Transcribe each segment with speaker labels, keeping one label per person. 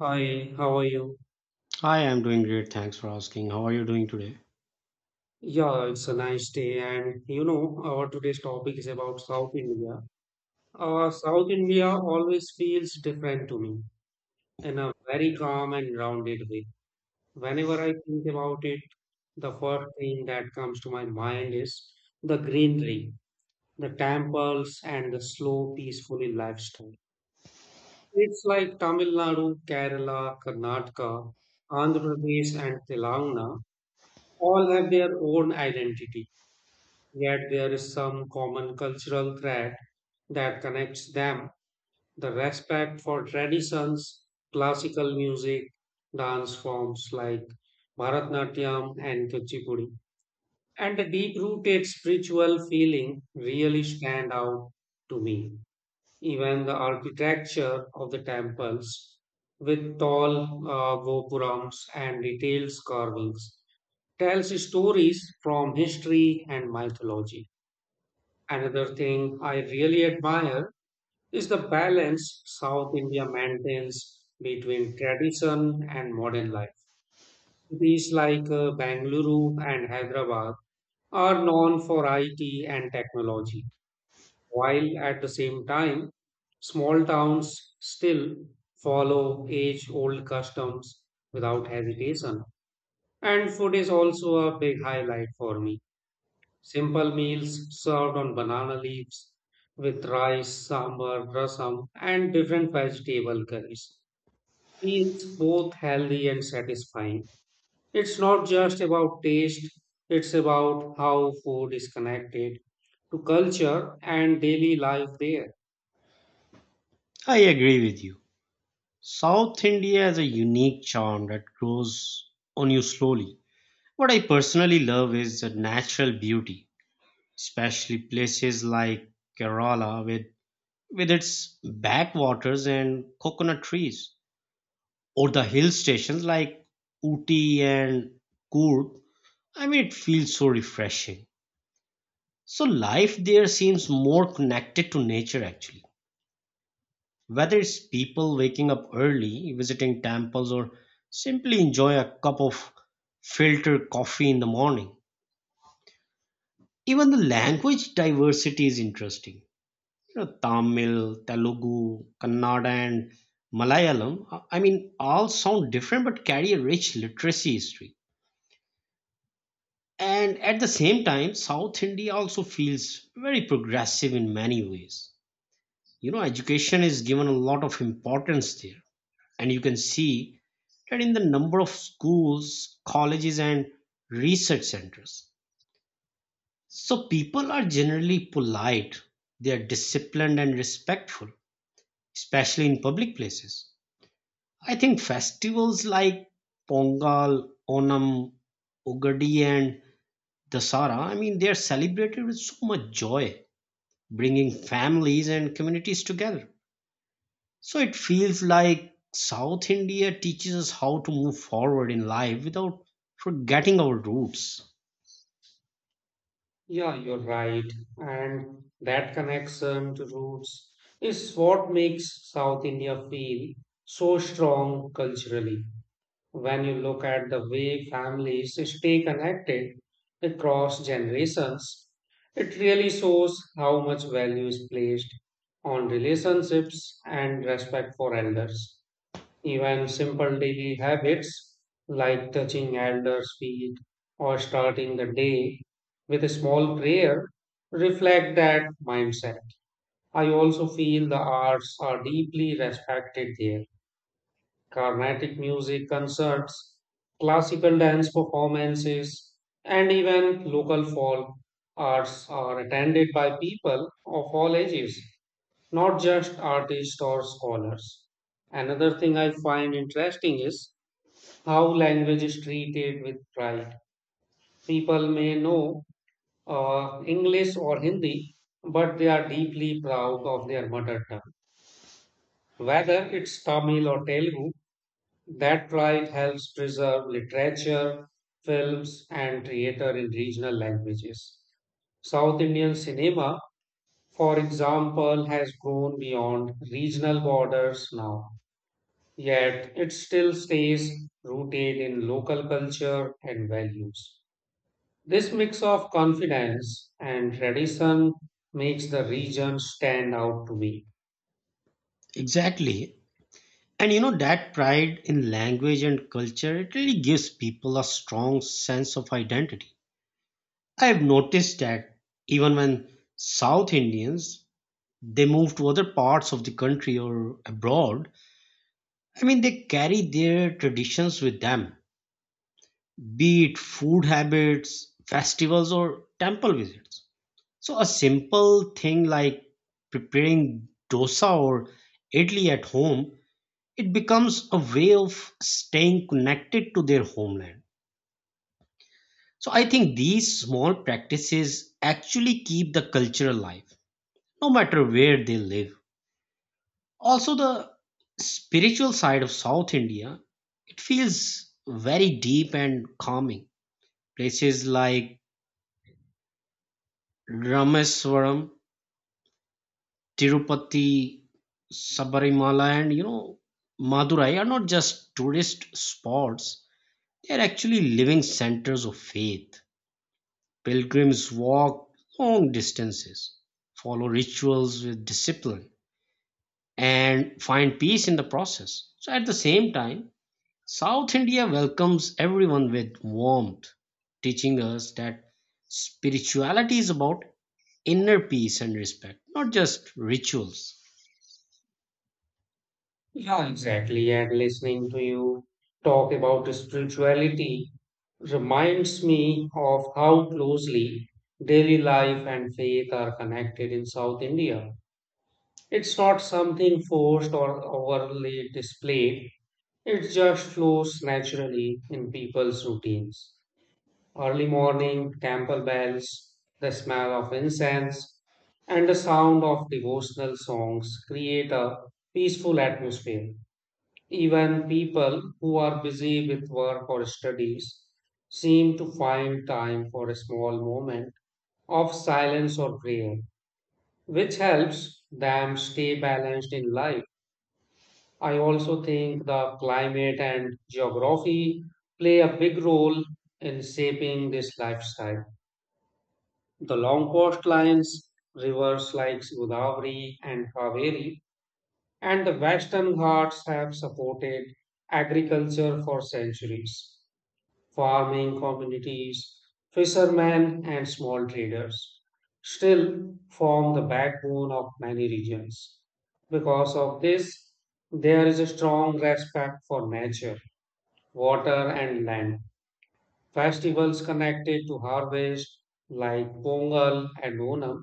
Speaker 1: Hi, how are you?
Speaker 2: I am doing great. Thanks for asking. How are you doing today?
Speaker 1: Yeah, it's a nice day, and our today's topic is about South India. South India always feels different to me in a very calm and grounded way. Whenever I think about it, the first thing that comes to my mind is the greenery, the temples, and the slow, peaceful lifestyle. It's like Tamil Nadu, Kerala, Karnataka, Andhra Pradesh, and Telangana all have their own identity, yet there is some common cultural thread that connects them: the respect for traditions, classical music, dance forms like Bharatnatyam and Kuchipudi, and the deep rooted spiritual feeling really stand out to me. Even the architecture of the temples, with tall gopurams and detailed carvings, tells stories from history and mythology. Another thing I really admire is the balance South India maintains between tradition and modern life. Cities like Bangalore and Hyderabad are known for IT and technology, while at the same time, small towns still follow age old customs without hesitation. And food is also a big highlight for me. Simple meals served on banana leaves with rice, sambar, rasam, and different vegetable curries. Feels both healthy and satisfying. It's not just about taste, it's about how food is connected to culture and daily life there.
Speaker 2: I agree with you. South India has a unique charm that grows on you slowly. What I personally love is the natural beauty, especially places like Kerala with its backwaters and coconut trees, or the hill stations like Uti and Coorg. I mean, it feels so refreshing. So, life there seems more connected to nature actually. Whether it's people waking up early, visiting temples, or simply enjoying a cup of filtered coffee in the morning, even the language diversity is interesting. You know, Tamil, Telugu, Kannada, and Malayalam, I mean, all sound different but carry a rich literacy history. And at the same time, South India also feels very progressive in many ways. You know, education is given a lot of importance there, and you can see that in the number of schools, colleges, and research centers. So people are generally polite, they are disciplined and respectful, especially in public places. I think festivals like Pongal, Onam, Ugadi, and Dasara, I mean, they are celebrated with so much joy, bringing families and communities together. So it feels like South India teaches us how to move forward in life without forgetting our roots.
Speaker 1: Yeah, you're right. And that connection to roots is what makes South India feel so strong culturally. When you look at the way families stay connected across generations, it really shows how much value is placed on relationships and respect for elders. Even simple daily habits like touching elders' feet or starting the day with a small prayer reflect that mindset. I also feel the arts are deeply respected there. Carnatic music concerts, classical dance performances, and even local folk arts are attended by people of all ages, not just artists or scholars. Another thing I find interesting is how language is treated with pride. People may know English or Hindi, but they are deeply proud of their mother tongue. Whether it's Tamil or Telugu, that pride helps preserve literature, films, and theater in regional languages. South Indian cinema, for example, has grown beyond regional borders now, yet it still stays rooted in local culture and values. This mix of confidence and tradition makes the region stand out to me.
Speaker 2: Exactly. And you know, that pride in language and culture, it really gives people a strong sense of identity. I have noticed that even when South Indians, they move to other parts of the country or abroad, I mean, they carry their traditions with them, be it food habits, festivals, or temple visits. So a simple thing like preparing dosa or idli at home, it becomes a way of staying connected to their homeland. So I think these small practices actually keep the culture alive, no matter where they live. Also, the spiritual side of South India, it feels very deep and calming. Places like Rameswaram, Tirupati, Sabarimala, and you know, Madurai are not just tourist spots, they are actually living centers of faith. Pilgrims walk long distances, follow rituals with discipline, and find peace in the process. So, at the same time, South India welcomes everyone with warmth, teaching us that spirituality is about inner peace and respect, not just rituals.
Speaker 1: Yeah, exactly. And listening to you talk about spirituality reminds me of how closely daily life and faith are connected in South India. It's not something forced or overly displayed, it just flows naturally in people's routines. Early morning, temple bells, the smell of incense, and the sound of devotional songs create a peaceful atmosphere. Even people who are busy with work or studies seem to find time for a small moment of silence or prayer, which helps them stay balanced in life. I also think the climate and geography play a big role in shaping this lifestyle. The long coastlines, rivers like Godavari and Kaveri, and the western ghats have supported agriculture for centuries. Farming communities, fishermen, and small traders still form the backbone of many regions. Because of this, there is a strong respect for nature, water, and land. Festivals connected to harvest, like Pongal and Onam,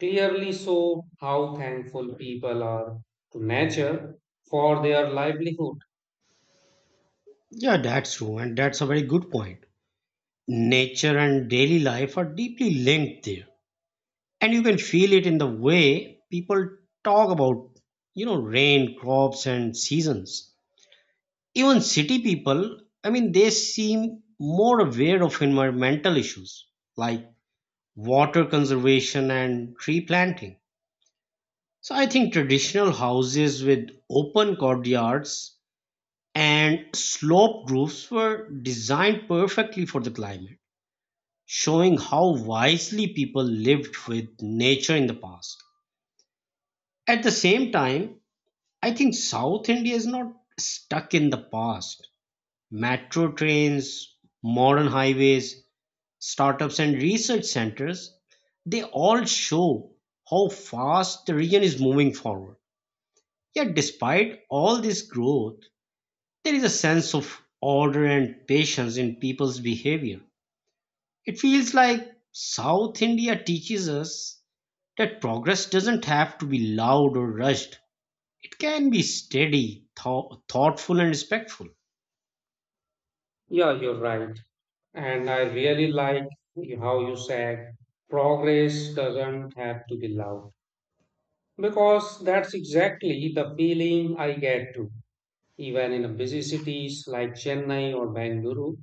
Speaker 1: clearly show how thankful people are to nature for their livelihood.
Speaker 2: Yeah, that's true, and that's a very good point. Nature and daily life are deeply linked there, and you can feel it in the way people talk about, you know, rain, crops, and seasons. Even city people, I mean, they seem more aware of environmental issues like water conservation and tree planting. So I think traditional houses with open courtyards and sloped roofs were designed perfectly for the climate, showing how wisely people lived with nature in the past. At the same time, I think South India is not stuck in the past. Metro trains, modern highways, startups, and research centers, they all show how fast the region is moving forward. Yet, despite all this growth, there is a sense of order and patience in people's behavior. It feels like South India teaches us that progress doesn't have to be loud or rushed. It can be steady, thoughtful, and respectful.
Speaker 1: Yeah, you're right. And I really like how you said progress doesn't have to be loud, because that's exactly the feeling I get too. Even in busy cities like Chennai or Bangalore,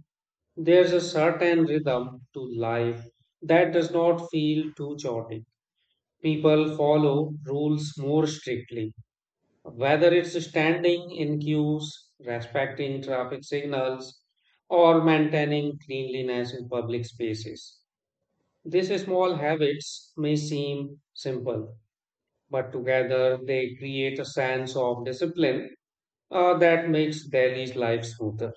Speaker 1: there's a certain rhythm to life that does not feel too chaotic. People follow rules more strictly, whether it's standing in queues, respecting traffic signals, or maintaining cleanliness in public spaces. These small habits may seem simple, but together they create a sense of discipline that makes daily life smoother.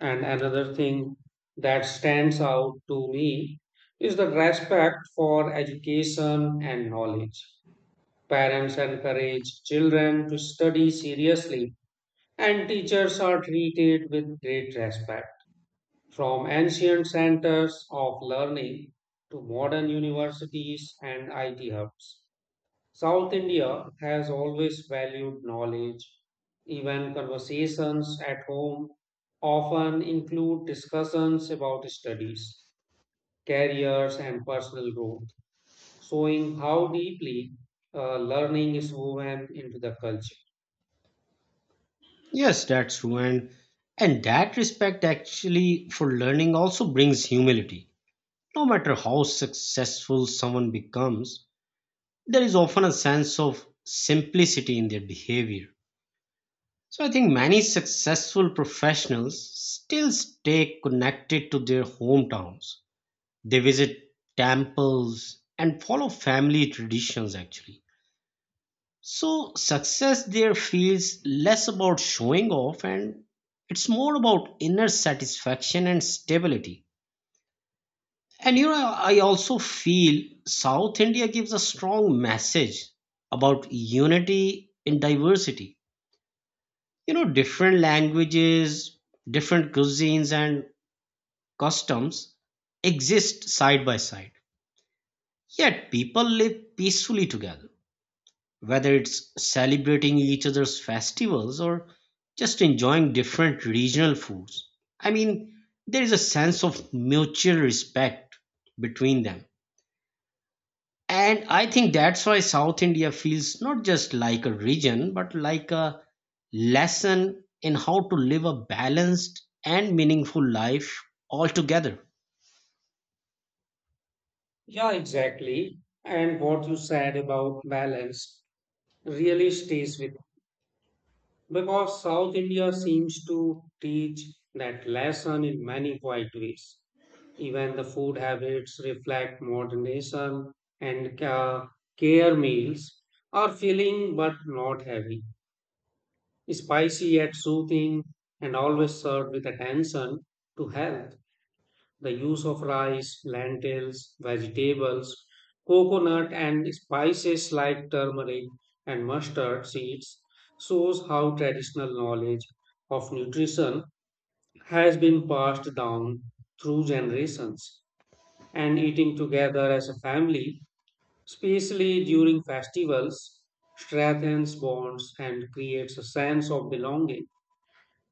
Speaker 1: And another thing that stands out to me is the respect for education and knowledge. Parents encourage children to study seriously, and teachers are treated with great respect. From ancient centers of learning to modern universities and IT hubs, South India has always valued knowledge. Even conversations at home often include discussions about studies, careers, and personal growth, showing how deeply learning is woven into the culture.
Speaker 2: Yes, that's true. And that respect actually for learning also brings humility. No matter how successful someone becomes, there is often a sense of simplicity in their behavior. So I think many successful professionals still stay connected to their hometowns. They visit temples and follow family traditions actually. So success there feels less about showing off, and it's more about inner satisfaction and stability. And you know, I also feel South India gives a strong message about unity in diversity. You know, different languages, different cuisines, and customs exist side by side, yet people live peacefully together, whether it's celebrating each other's festivals or just enjoying different regional foods. I mean, there is a sense of mutual respect between them. And I think that's why South India feels not just like a region, but like a lesson in how to live a balanced and meaningful life altogether.
Speaker 1: Yeah, exactly. And what you said about balance really stays with, because South India seems to teach that lesson in many quiet ways. Even the food habits reflect modernism and care. Meals are filling but not heavy, spicy yet soothing, and always served with attention to health. The use of rice, lentils, vegetables, coconut, and spices like turmeric and mustard seeds shows how traditional knowledge of nutrition has been passed down through generations. And eating together as a family, especially during festivals, strengthens bonds and creates a sense of belonging.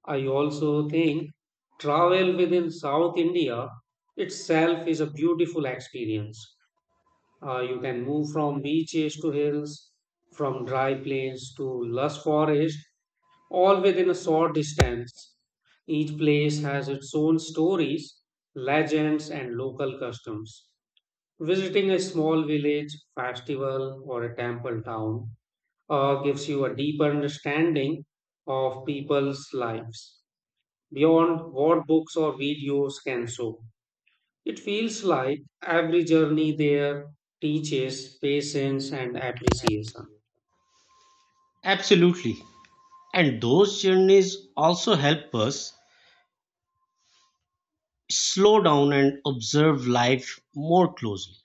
Speaker 1: I also think travel within South India itself is a beautiful experience. You can move from beaches to hills, from dry plains to lush forest, all within a short distance. Each place has its own stories, legends, and local customs. Visiting a small village, festival, or a temple town gives you a deeper understanding of people's lives beyond what books or videos can show. It feels like every journey there teaches patience and appreciation.
Speaker 2: Absolutely. And those journeys also help us slow down and observe life more closely.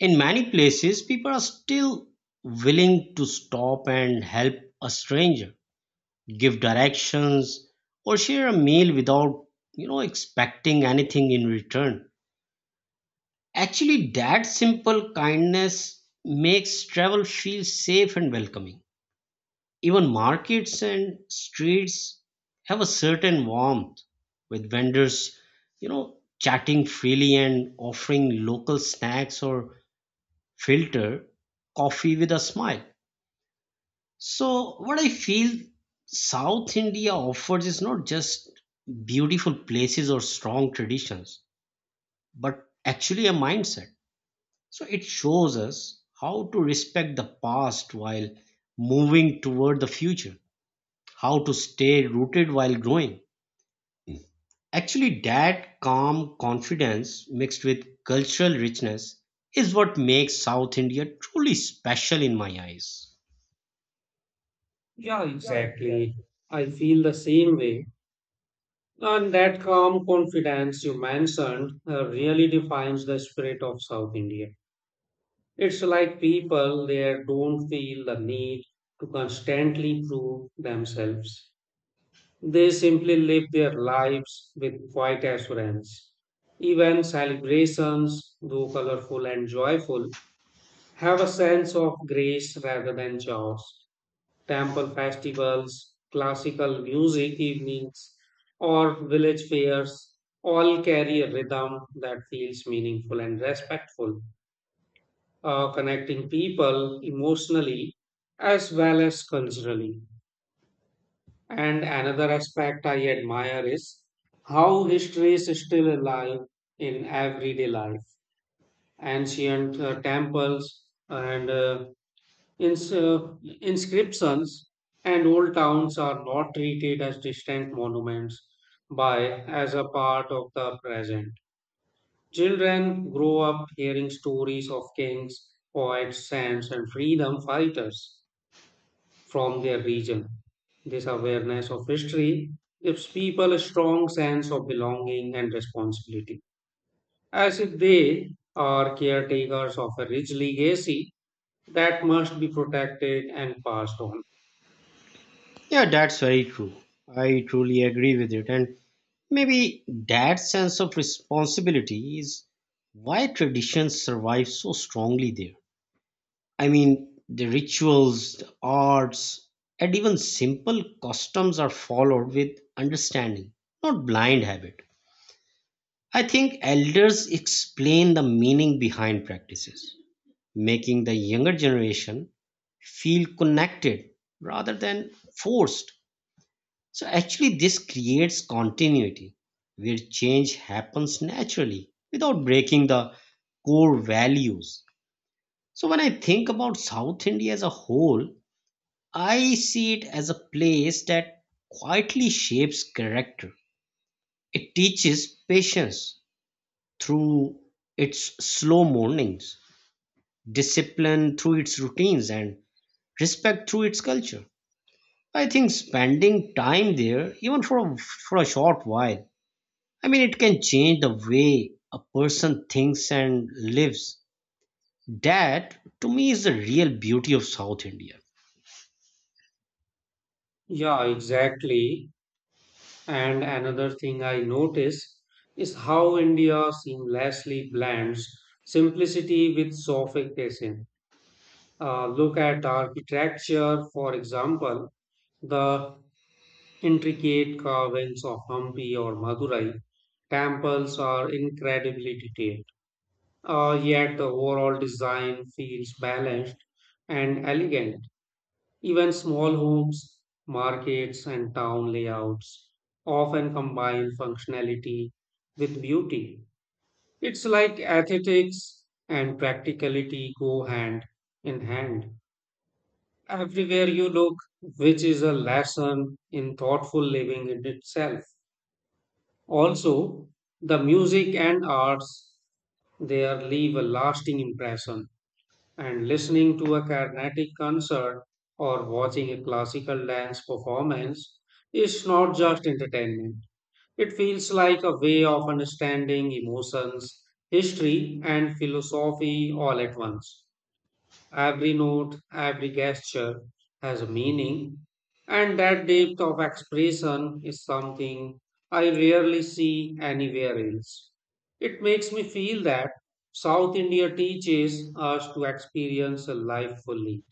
Speaker 2: In many places people are still willing to stop and help a stranger, give directions, or share a meal without expecting anything in return. Actually, that simple kindness makes travel feel safe and welcoming. Even markets and streets have a certain warmth, with vendors you know chatting freely and offering local snacks or filter coffee with a smile. So, what I feel South India offers is not just beautiful places or strong traditions, but actually a mindset. So, it shows us how to respect the past while moving toward the future, how to stay rooted while growing. Actually, that calm confidence mixed with cultural richness is what makes South India truly special in my eyes.
Speaker 1: Yeah, exactly. I feel the same way. And that calm confidence you mentioned really defines the spirit of South India. It's like people there don't feel the need to constantly prove themselves. They simply live their lives with quiet assurance. Even celebrations, though colorful and joyful, have a sense of grace rather than chaos. Temple festivals, classical music evenings, or village fairs all carry a rhythm that feels meaningful and respectful, connecting people emotionally as well as culturally. And another aspect I admire is how history is still alive in everyday life. Ancient temples and ins- uh, inscriptions and old towns are not treated as distant monuments by as a part of the present. Children grow up hearing stories of kings, poets, saints, and freedom fighters from their region. This awareness of history gives people a strong sense of belonging and responsibility, as if they are caretakers of a rich legacy that must be protected and passed on.
Speaker 2: Yeah, that's very true. I truly agree with it. And maybe that sense of responsibility is why traditions survive so strongly there. I mean, the rituals, the arts, and even simple customs are followed with understanding, not blind habit. I think elders explain the meaning behind practices, making the younger generation feel connected rather than forced. So actually, this creates continuity where change happens naturally without breaking the core values. So when I think about South India as a whole, I see it as a place that quietly shapes character. It teaches patience through its slow mornings, discipline through its routines, and respect through its culture. I think spending time there, even for a short while, I mean, it can change the way a person thinks and lives. That, to me, is the real beauty of South India.
Speaker 1: Yeah, exactly. And another thing I notice is how India seamlessly blends simplicity with sophistication. Look at architecture, for example. The intricate carvings of Hampi or Madurai temples are incredibly detailed, yet the overall design feels balanced and elegant. Even small homes, markets, and town layouts often combine functionality with beauty. It's like aesthetics and practicality go hand in hand. Everywhere you look, which is a lesson in thoughtful living in itself. Also, the music and arts there leave a lasting impression, and listening to a Carnatic concert or watching a classical dance performance is not just entertainment. It feels like a way of understanding emotions, history, and philosophy all at once. Every note, every gesture has a meaning, and that depth of expression is something I rarely see anywhere else. It makes me feel that South India teaches us to experience life fully,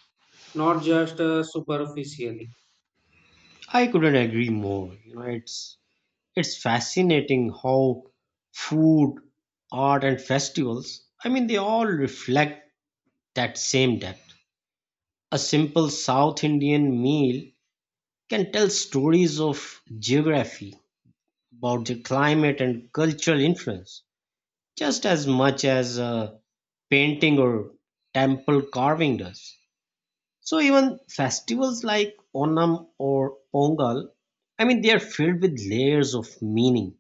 Speaker 1: not just superficially.
Speaker 2: I couldn't agree more. You know, it's fascinating how food, art, and festivals. I mean, they all reflect that same depth. A simple South Indian meal can tell stories of geography, about the climate and cultural influence, just as much as painting or temple carving does. So even festivals like Onam or Pongal, I mean, they are filled with layers of meaning,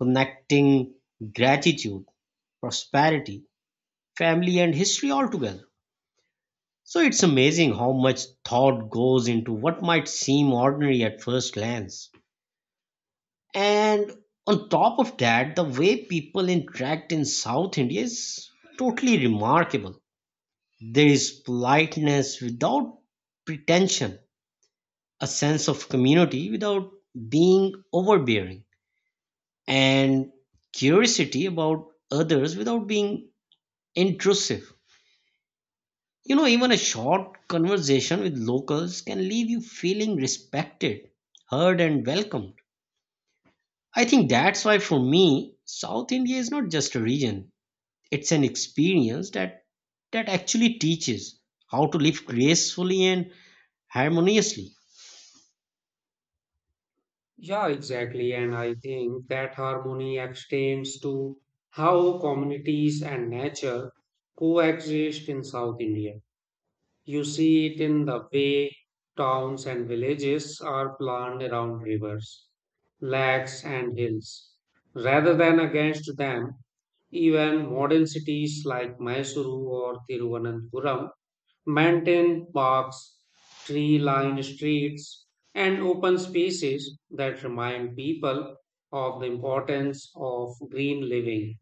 Speaker 2: connecting gratitude, prosperity, family, and history all together. So it's amazing how much thought goes into what might seem ordinary at first glance. And on top of that, the way people interact in South India is totally remarkable. There is politeness without pretension, a sense of community without being overbearing, and curiosity about others without being intrusive. You know, even a short conversation with locals can leave you feeling respected, heard, and welcomed. I think that's why, for me, South India is not just a region, it's an experience that actually teaches how to live gracefully and harmoniously.
Speaker 1: Yeah, exactly. And I think that harmony extends to how communities and nature coexist in South India. You see it in the way towns and villages are planned around rivers, lakes, and hills, rather than against them. Even modern cities like Mysuru or Thiruvananthapuram maintain parks, tree lined streets, and open spaces that remind people of the importance of green living.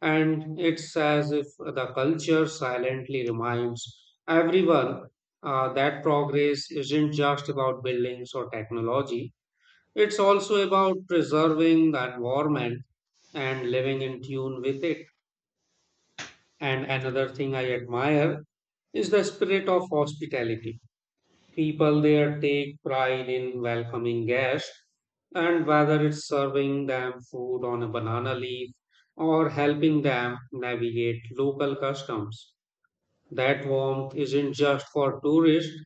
Speaker 1: And it's as if the culture silently reminds everyone that progress isn't just about buildings or technology, it's also about preserving the environment and living in tune with it. And another thing I admire is the spirit of hospitality. People there take pride in welcoming guests, and whether it's serving them food on a banana leaf or helping them navigate local customs. That warmth isn't just for tourists,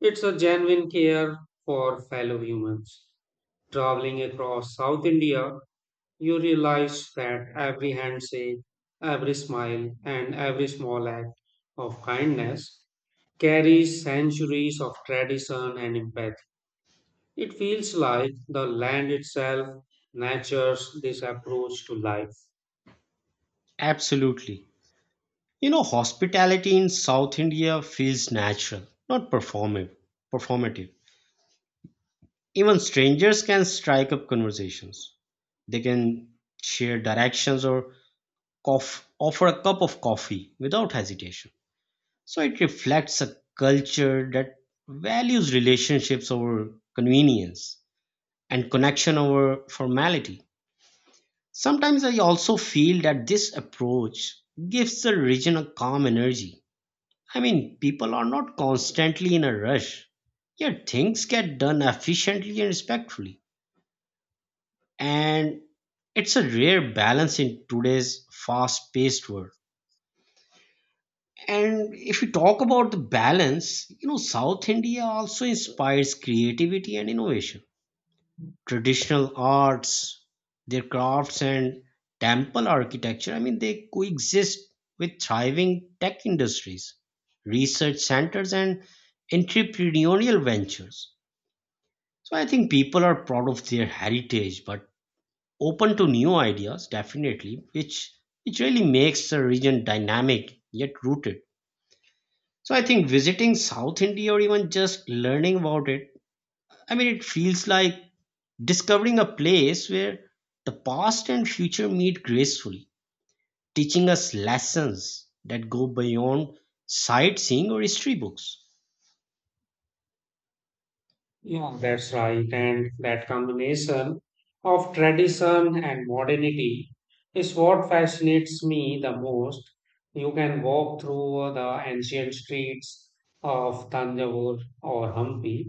Speaker 1: it's a genuine care for fellow humans. Traveling across South India, you realize that every handshake, every smile, and every small act of kindness carries centuries of tradition and empathy. It feels like the land itself nurtures this approach to life.
Speaker 2: Absolutely. You know, hospitality in South India feels natural, not performative. Even strangers can strike up conversations. They can share directions or cough, offer a cup of coffee without hesitation. So it reflects a culture that values relationships over convenience and connection over formality. Sometimes I also feel that this approach gives the region a calm energy. I mean, people are not constantly in a rush, yet things get done efficiently and respectfully. And it's a rare balance in today's fast paced world. And if you talk about the balance, you know, South India also inspires creativity and innovation. Traditional arts, their crafts and temple architecture, I mean, they coexist with thriving tech industries, research centers, and entrepreneurial ventures. So I think people are proud of their heritage, but open to new ideas, definitely, which really makes the region dynamic yet rooted. So I think visiting South India or even just learning about it, I mean, it feels like discovering a place where the past and future meet gracefully, teaching us lessons that go beyond sightseeing or history books.
Speaker 1: Yeah, that's right, and that combination of tradition and modernity is what fascinates me the most. You can walk through the ancient streets of Tanjavur or Hampi,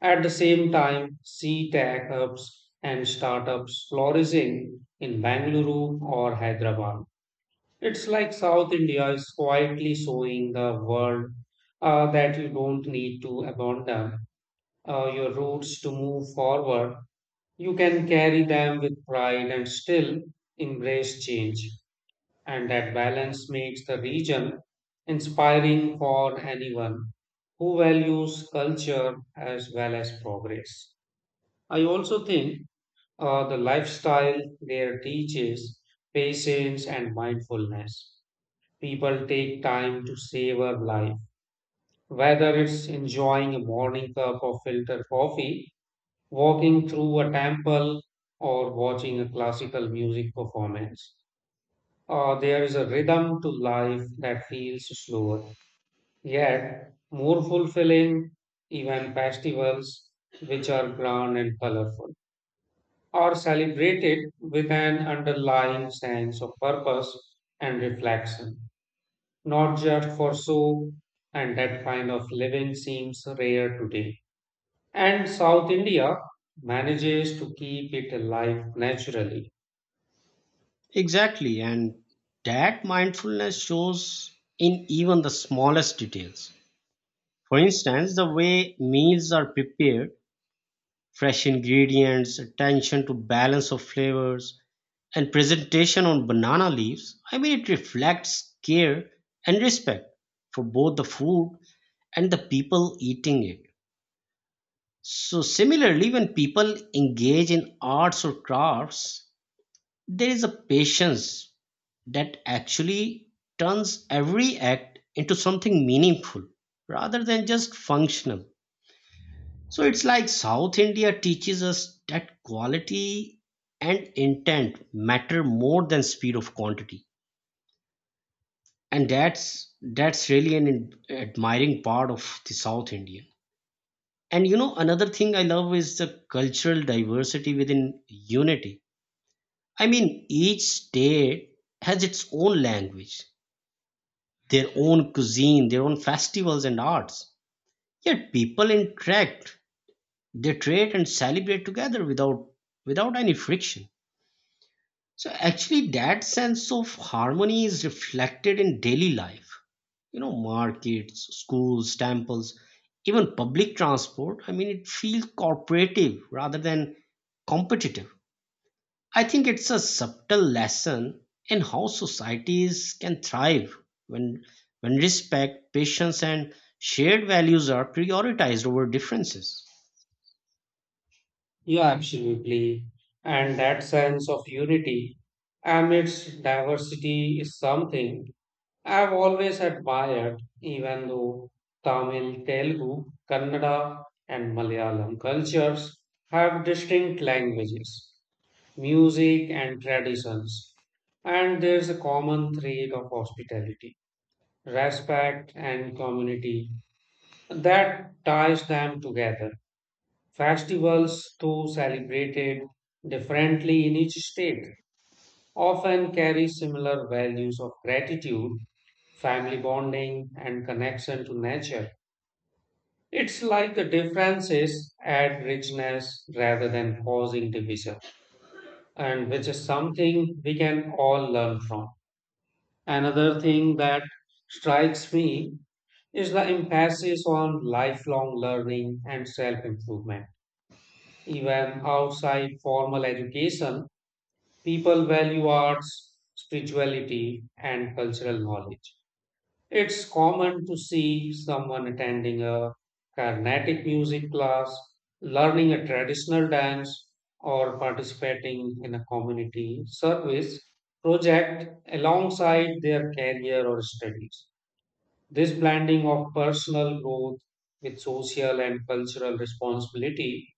Speaker 1: at the same time, see tech hubs and startups flourishing in Bangalore or Hyderabad. It's like South India is quietly showing the world that you don't need to abandon your roots to move forward. You can carry them with pride and still embrace change. And that balance makes the region inspiring for anyone who values culture as well as progress. I also think the lifestyle there teaches patience and mindfulness. People take time to savor life, whether it's enjoying a morning cup of filtered coffee, walking through a temple, or watching a classical music performance. There is a rhythm to life that feels slower, yet more fulfilling. Even festivals, which are grand and colorful, are celebrated with an underlying sense of purpose and reflection, not just for show, and that kind of living seems rare today. And South India manages to keep it alive naturally.
Speaker 2: Exactly, and that mindfulness shows in even the smallest details. For instance, the way meals are prepared, fresh ingredients, attention to balance of flavors, and presentation on banana leaves, I mean, it reflects care and respect for both the food and the people eating it. So, similarly, when people engage in arts or crafts, there is a patience that actually turns every act into something meaningful rather than just functional. So, it's like South India teaches us that quality and intent matter more than speed of quantity. And that's really an admiring part of the South India. And you know, another thing I love is the cultural diversity within unity. I mean, each state has its own language, their own cuisine, their own festivals and arts. Yet people interact, they trade and celebrate together without any friction. So actually, that sense of harmony is reflected in daily life. You know, markets, schools, temples, even public transport. I mean, it feels cooperative rather than competitive. I think it's a subtle lesson in how societies can thrive when when respect, patience, and shared values are prioritized over differences.
Speaker 1: Yeah, absolutely. And that sense of unity amidst diversity is something I've always admired, even though Tamil, Telugu, Kannada, and Malayalam cultures have distinct languages, music, and traditions. And there's a common thread of hospitality, respect, and community that ties them together. Festivals, though celebrated differently in each state, often carry similar values of gratitude, family bonding, and connection to nature. It's like the differences add richness rather than causing division, and which is something we can all learn from. Another thing that strikes me is the emphasis on lifelong learning and self improvement. Even outside formal education, people value arts, spirituality, and cultural knowledge. It's common to see someone attending a Carnatic music class, learning a traditional dance, or participating in a community service project alongside their career or studies. This blending of personal growth with social and cultural responsibility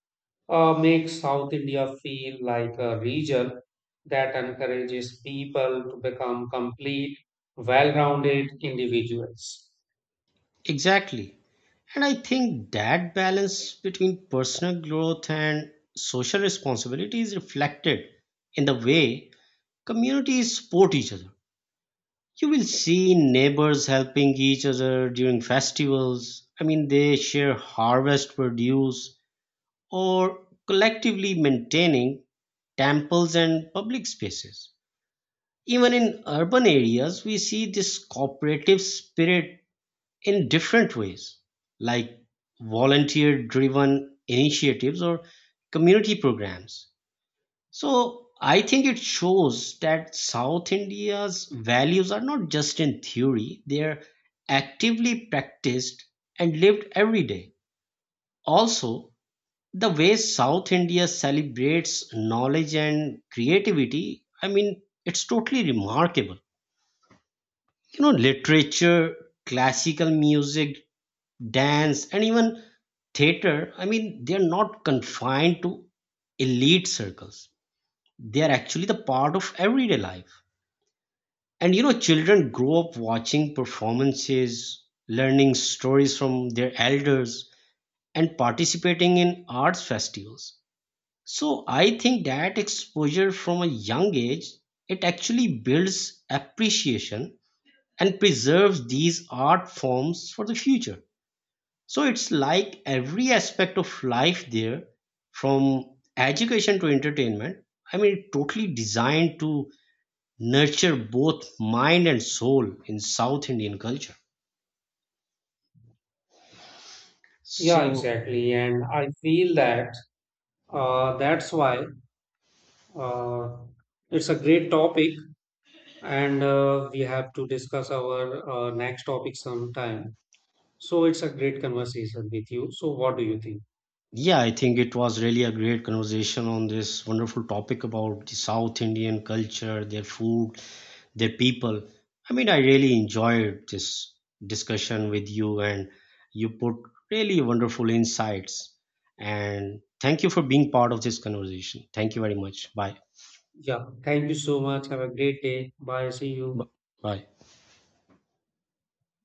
Speaker 1: makes South India feel like a region that encourages people to become complete, well rounded individuals.
Speaker 2: Exactly. And I think that balance between personal growth and social responsibility is reflected in the way communities support each other. You will see neighbors helping each other during festivals. I mean, they share harvest produce or collectively maintaining temples and public spaces. Even in urban areas, we see this cooperative spirit in different ways, like volunteer driven initiatives or community programs. So I think it shows that South India's values are not just in theory, they are actively practiced and lived every day. Also, the way South India celebrates knowledge and creativity, I mean, it's totally remarkable. You know, literature, classical music, dance, and even theater, I mean, they're not confined to elite circles. They are actually the part of everyday life. And you know, children grow up watching performances, learning stories from their elders, and participating in arts festivals. So I think that exposure from a young age, it actually builds appreciation and preserves these art forms for the future. So it's like every aspect of life there, from education to entertainment. I mean, totally designed to nurture both mind and soul in South Indian culture.
Speaker 1: Yeah,
Speaker 2: So,
Speaker 1: exactly. And I feel that that's why uh, it's a great topic, and we have to discuss our next topic sometime. So, it's a great conversation with you. So, what do you think?
Speaker 2: yeah, I think it was really a great conversation on this wonderful topic about the South Indian culture, their food, their people. I mean, I really enjoyed this discussion with you, and you put really wonderful insights. And thank you for being part of this conversation. Thank you very much. Bye.
Speaker 1: Yeah, thank you so much. Have a great day. Bye. See you.
Speaker 2: B- Bye.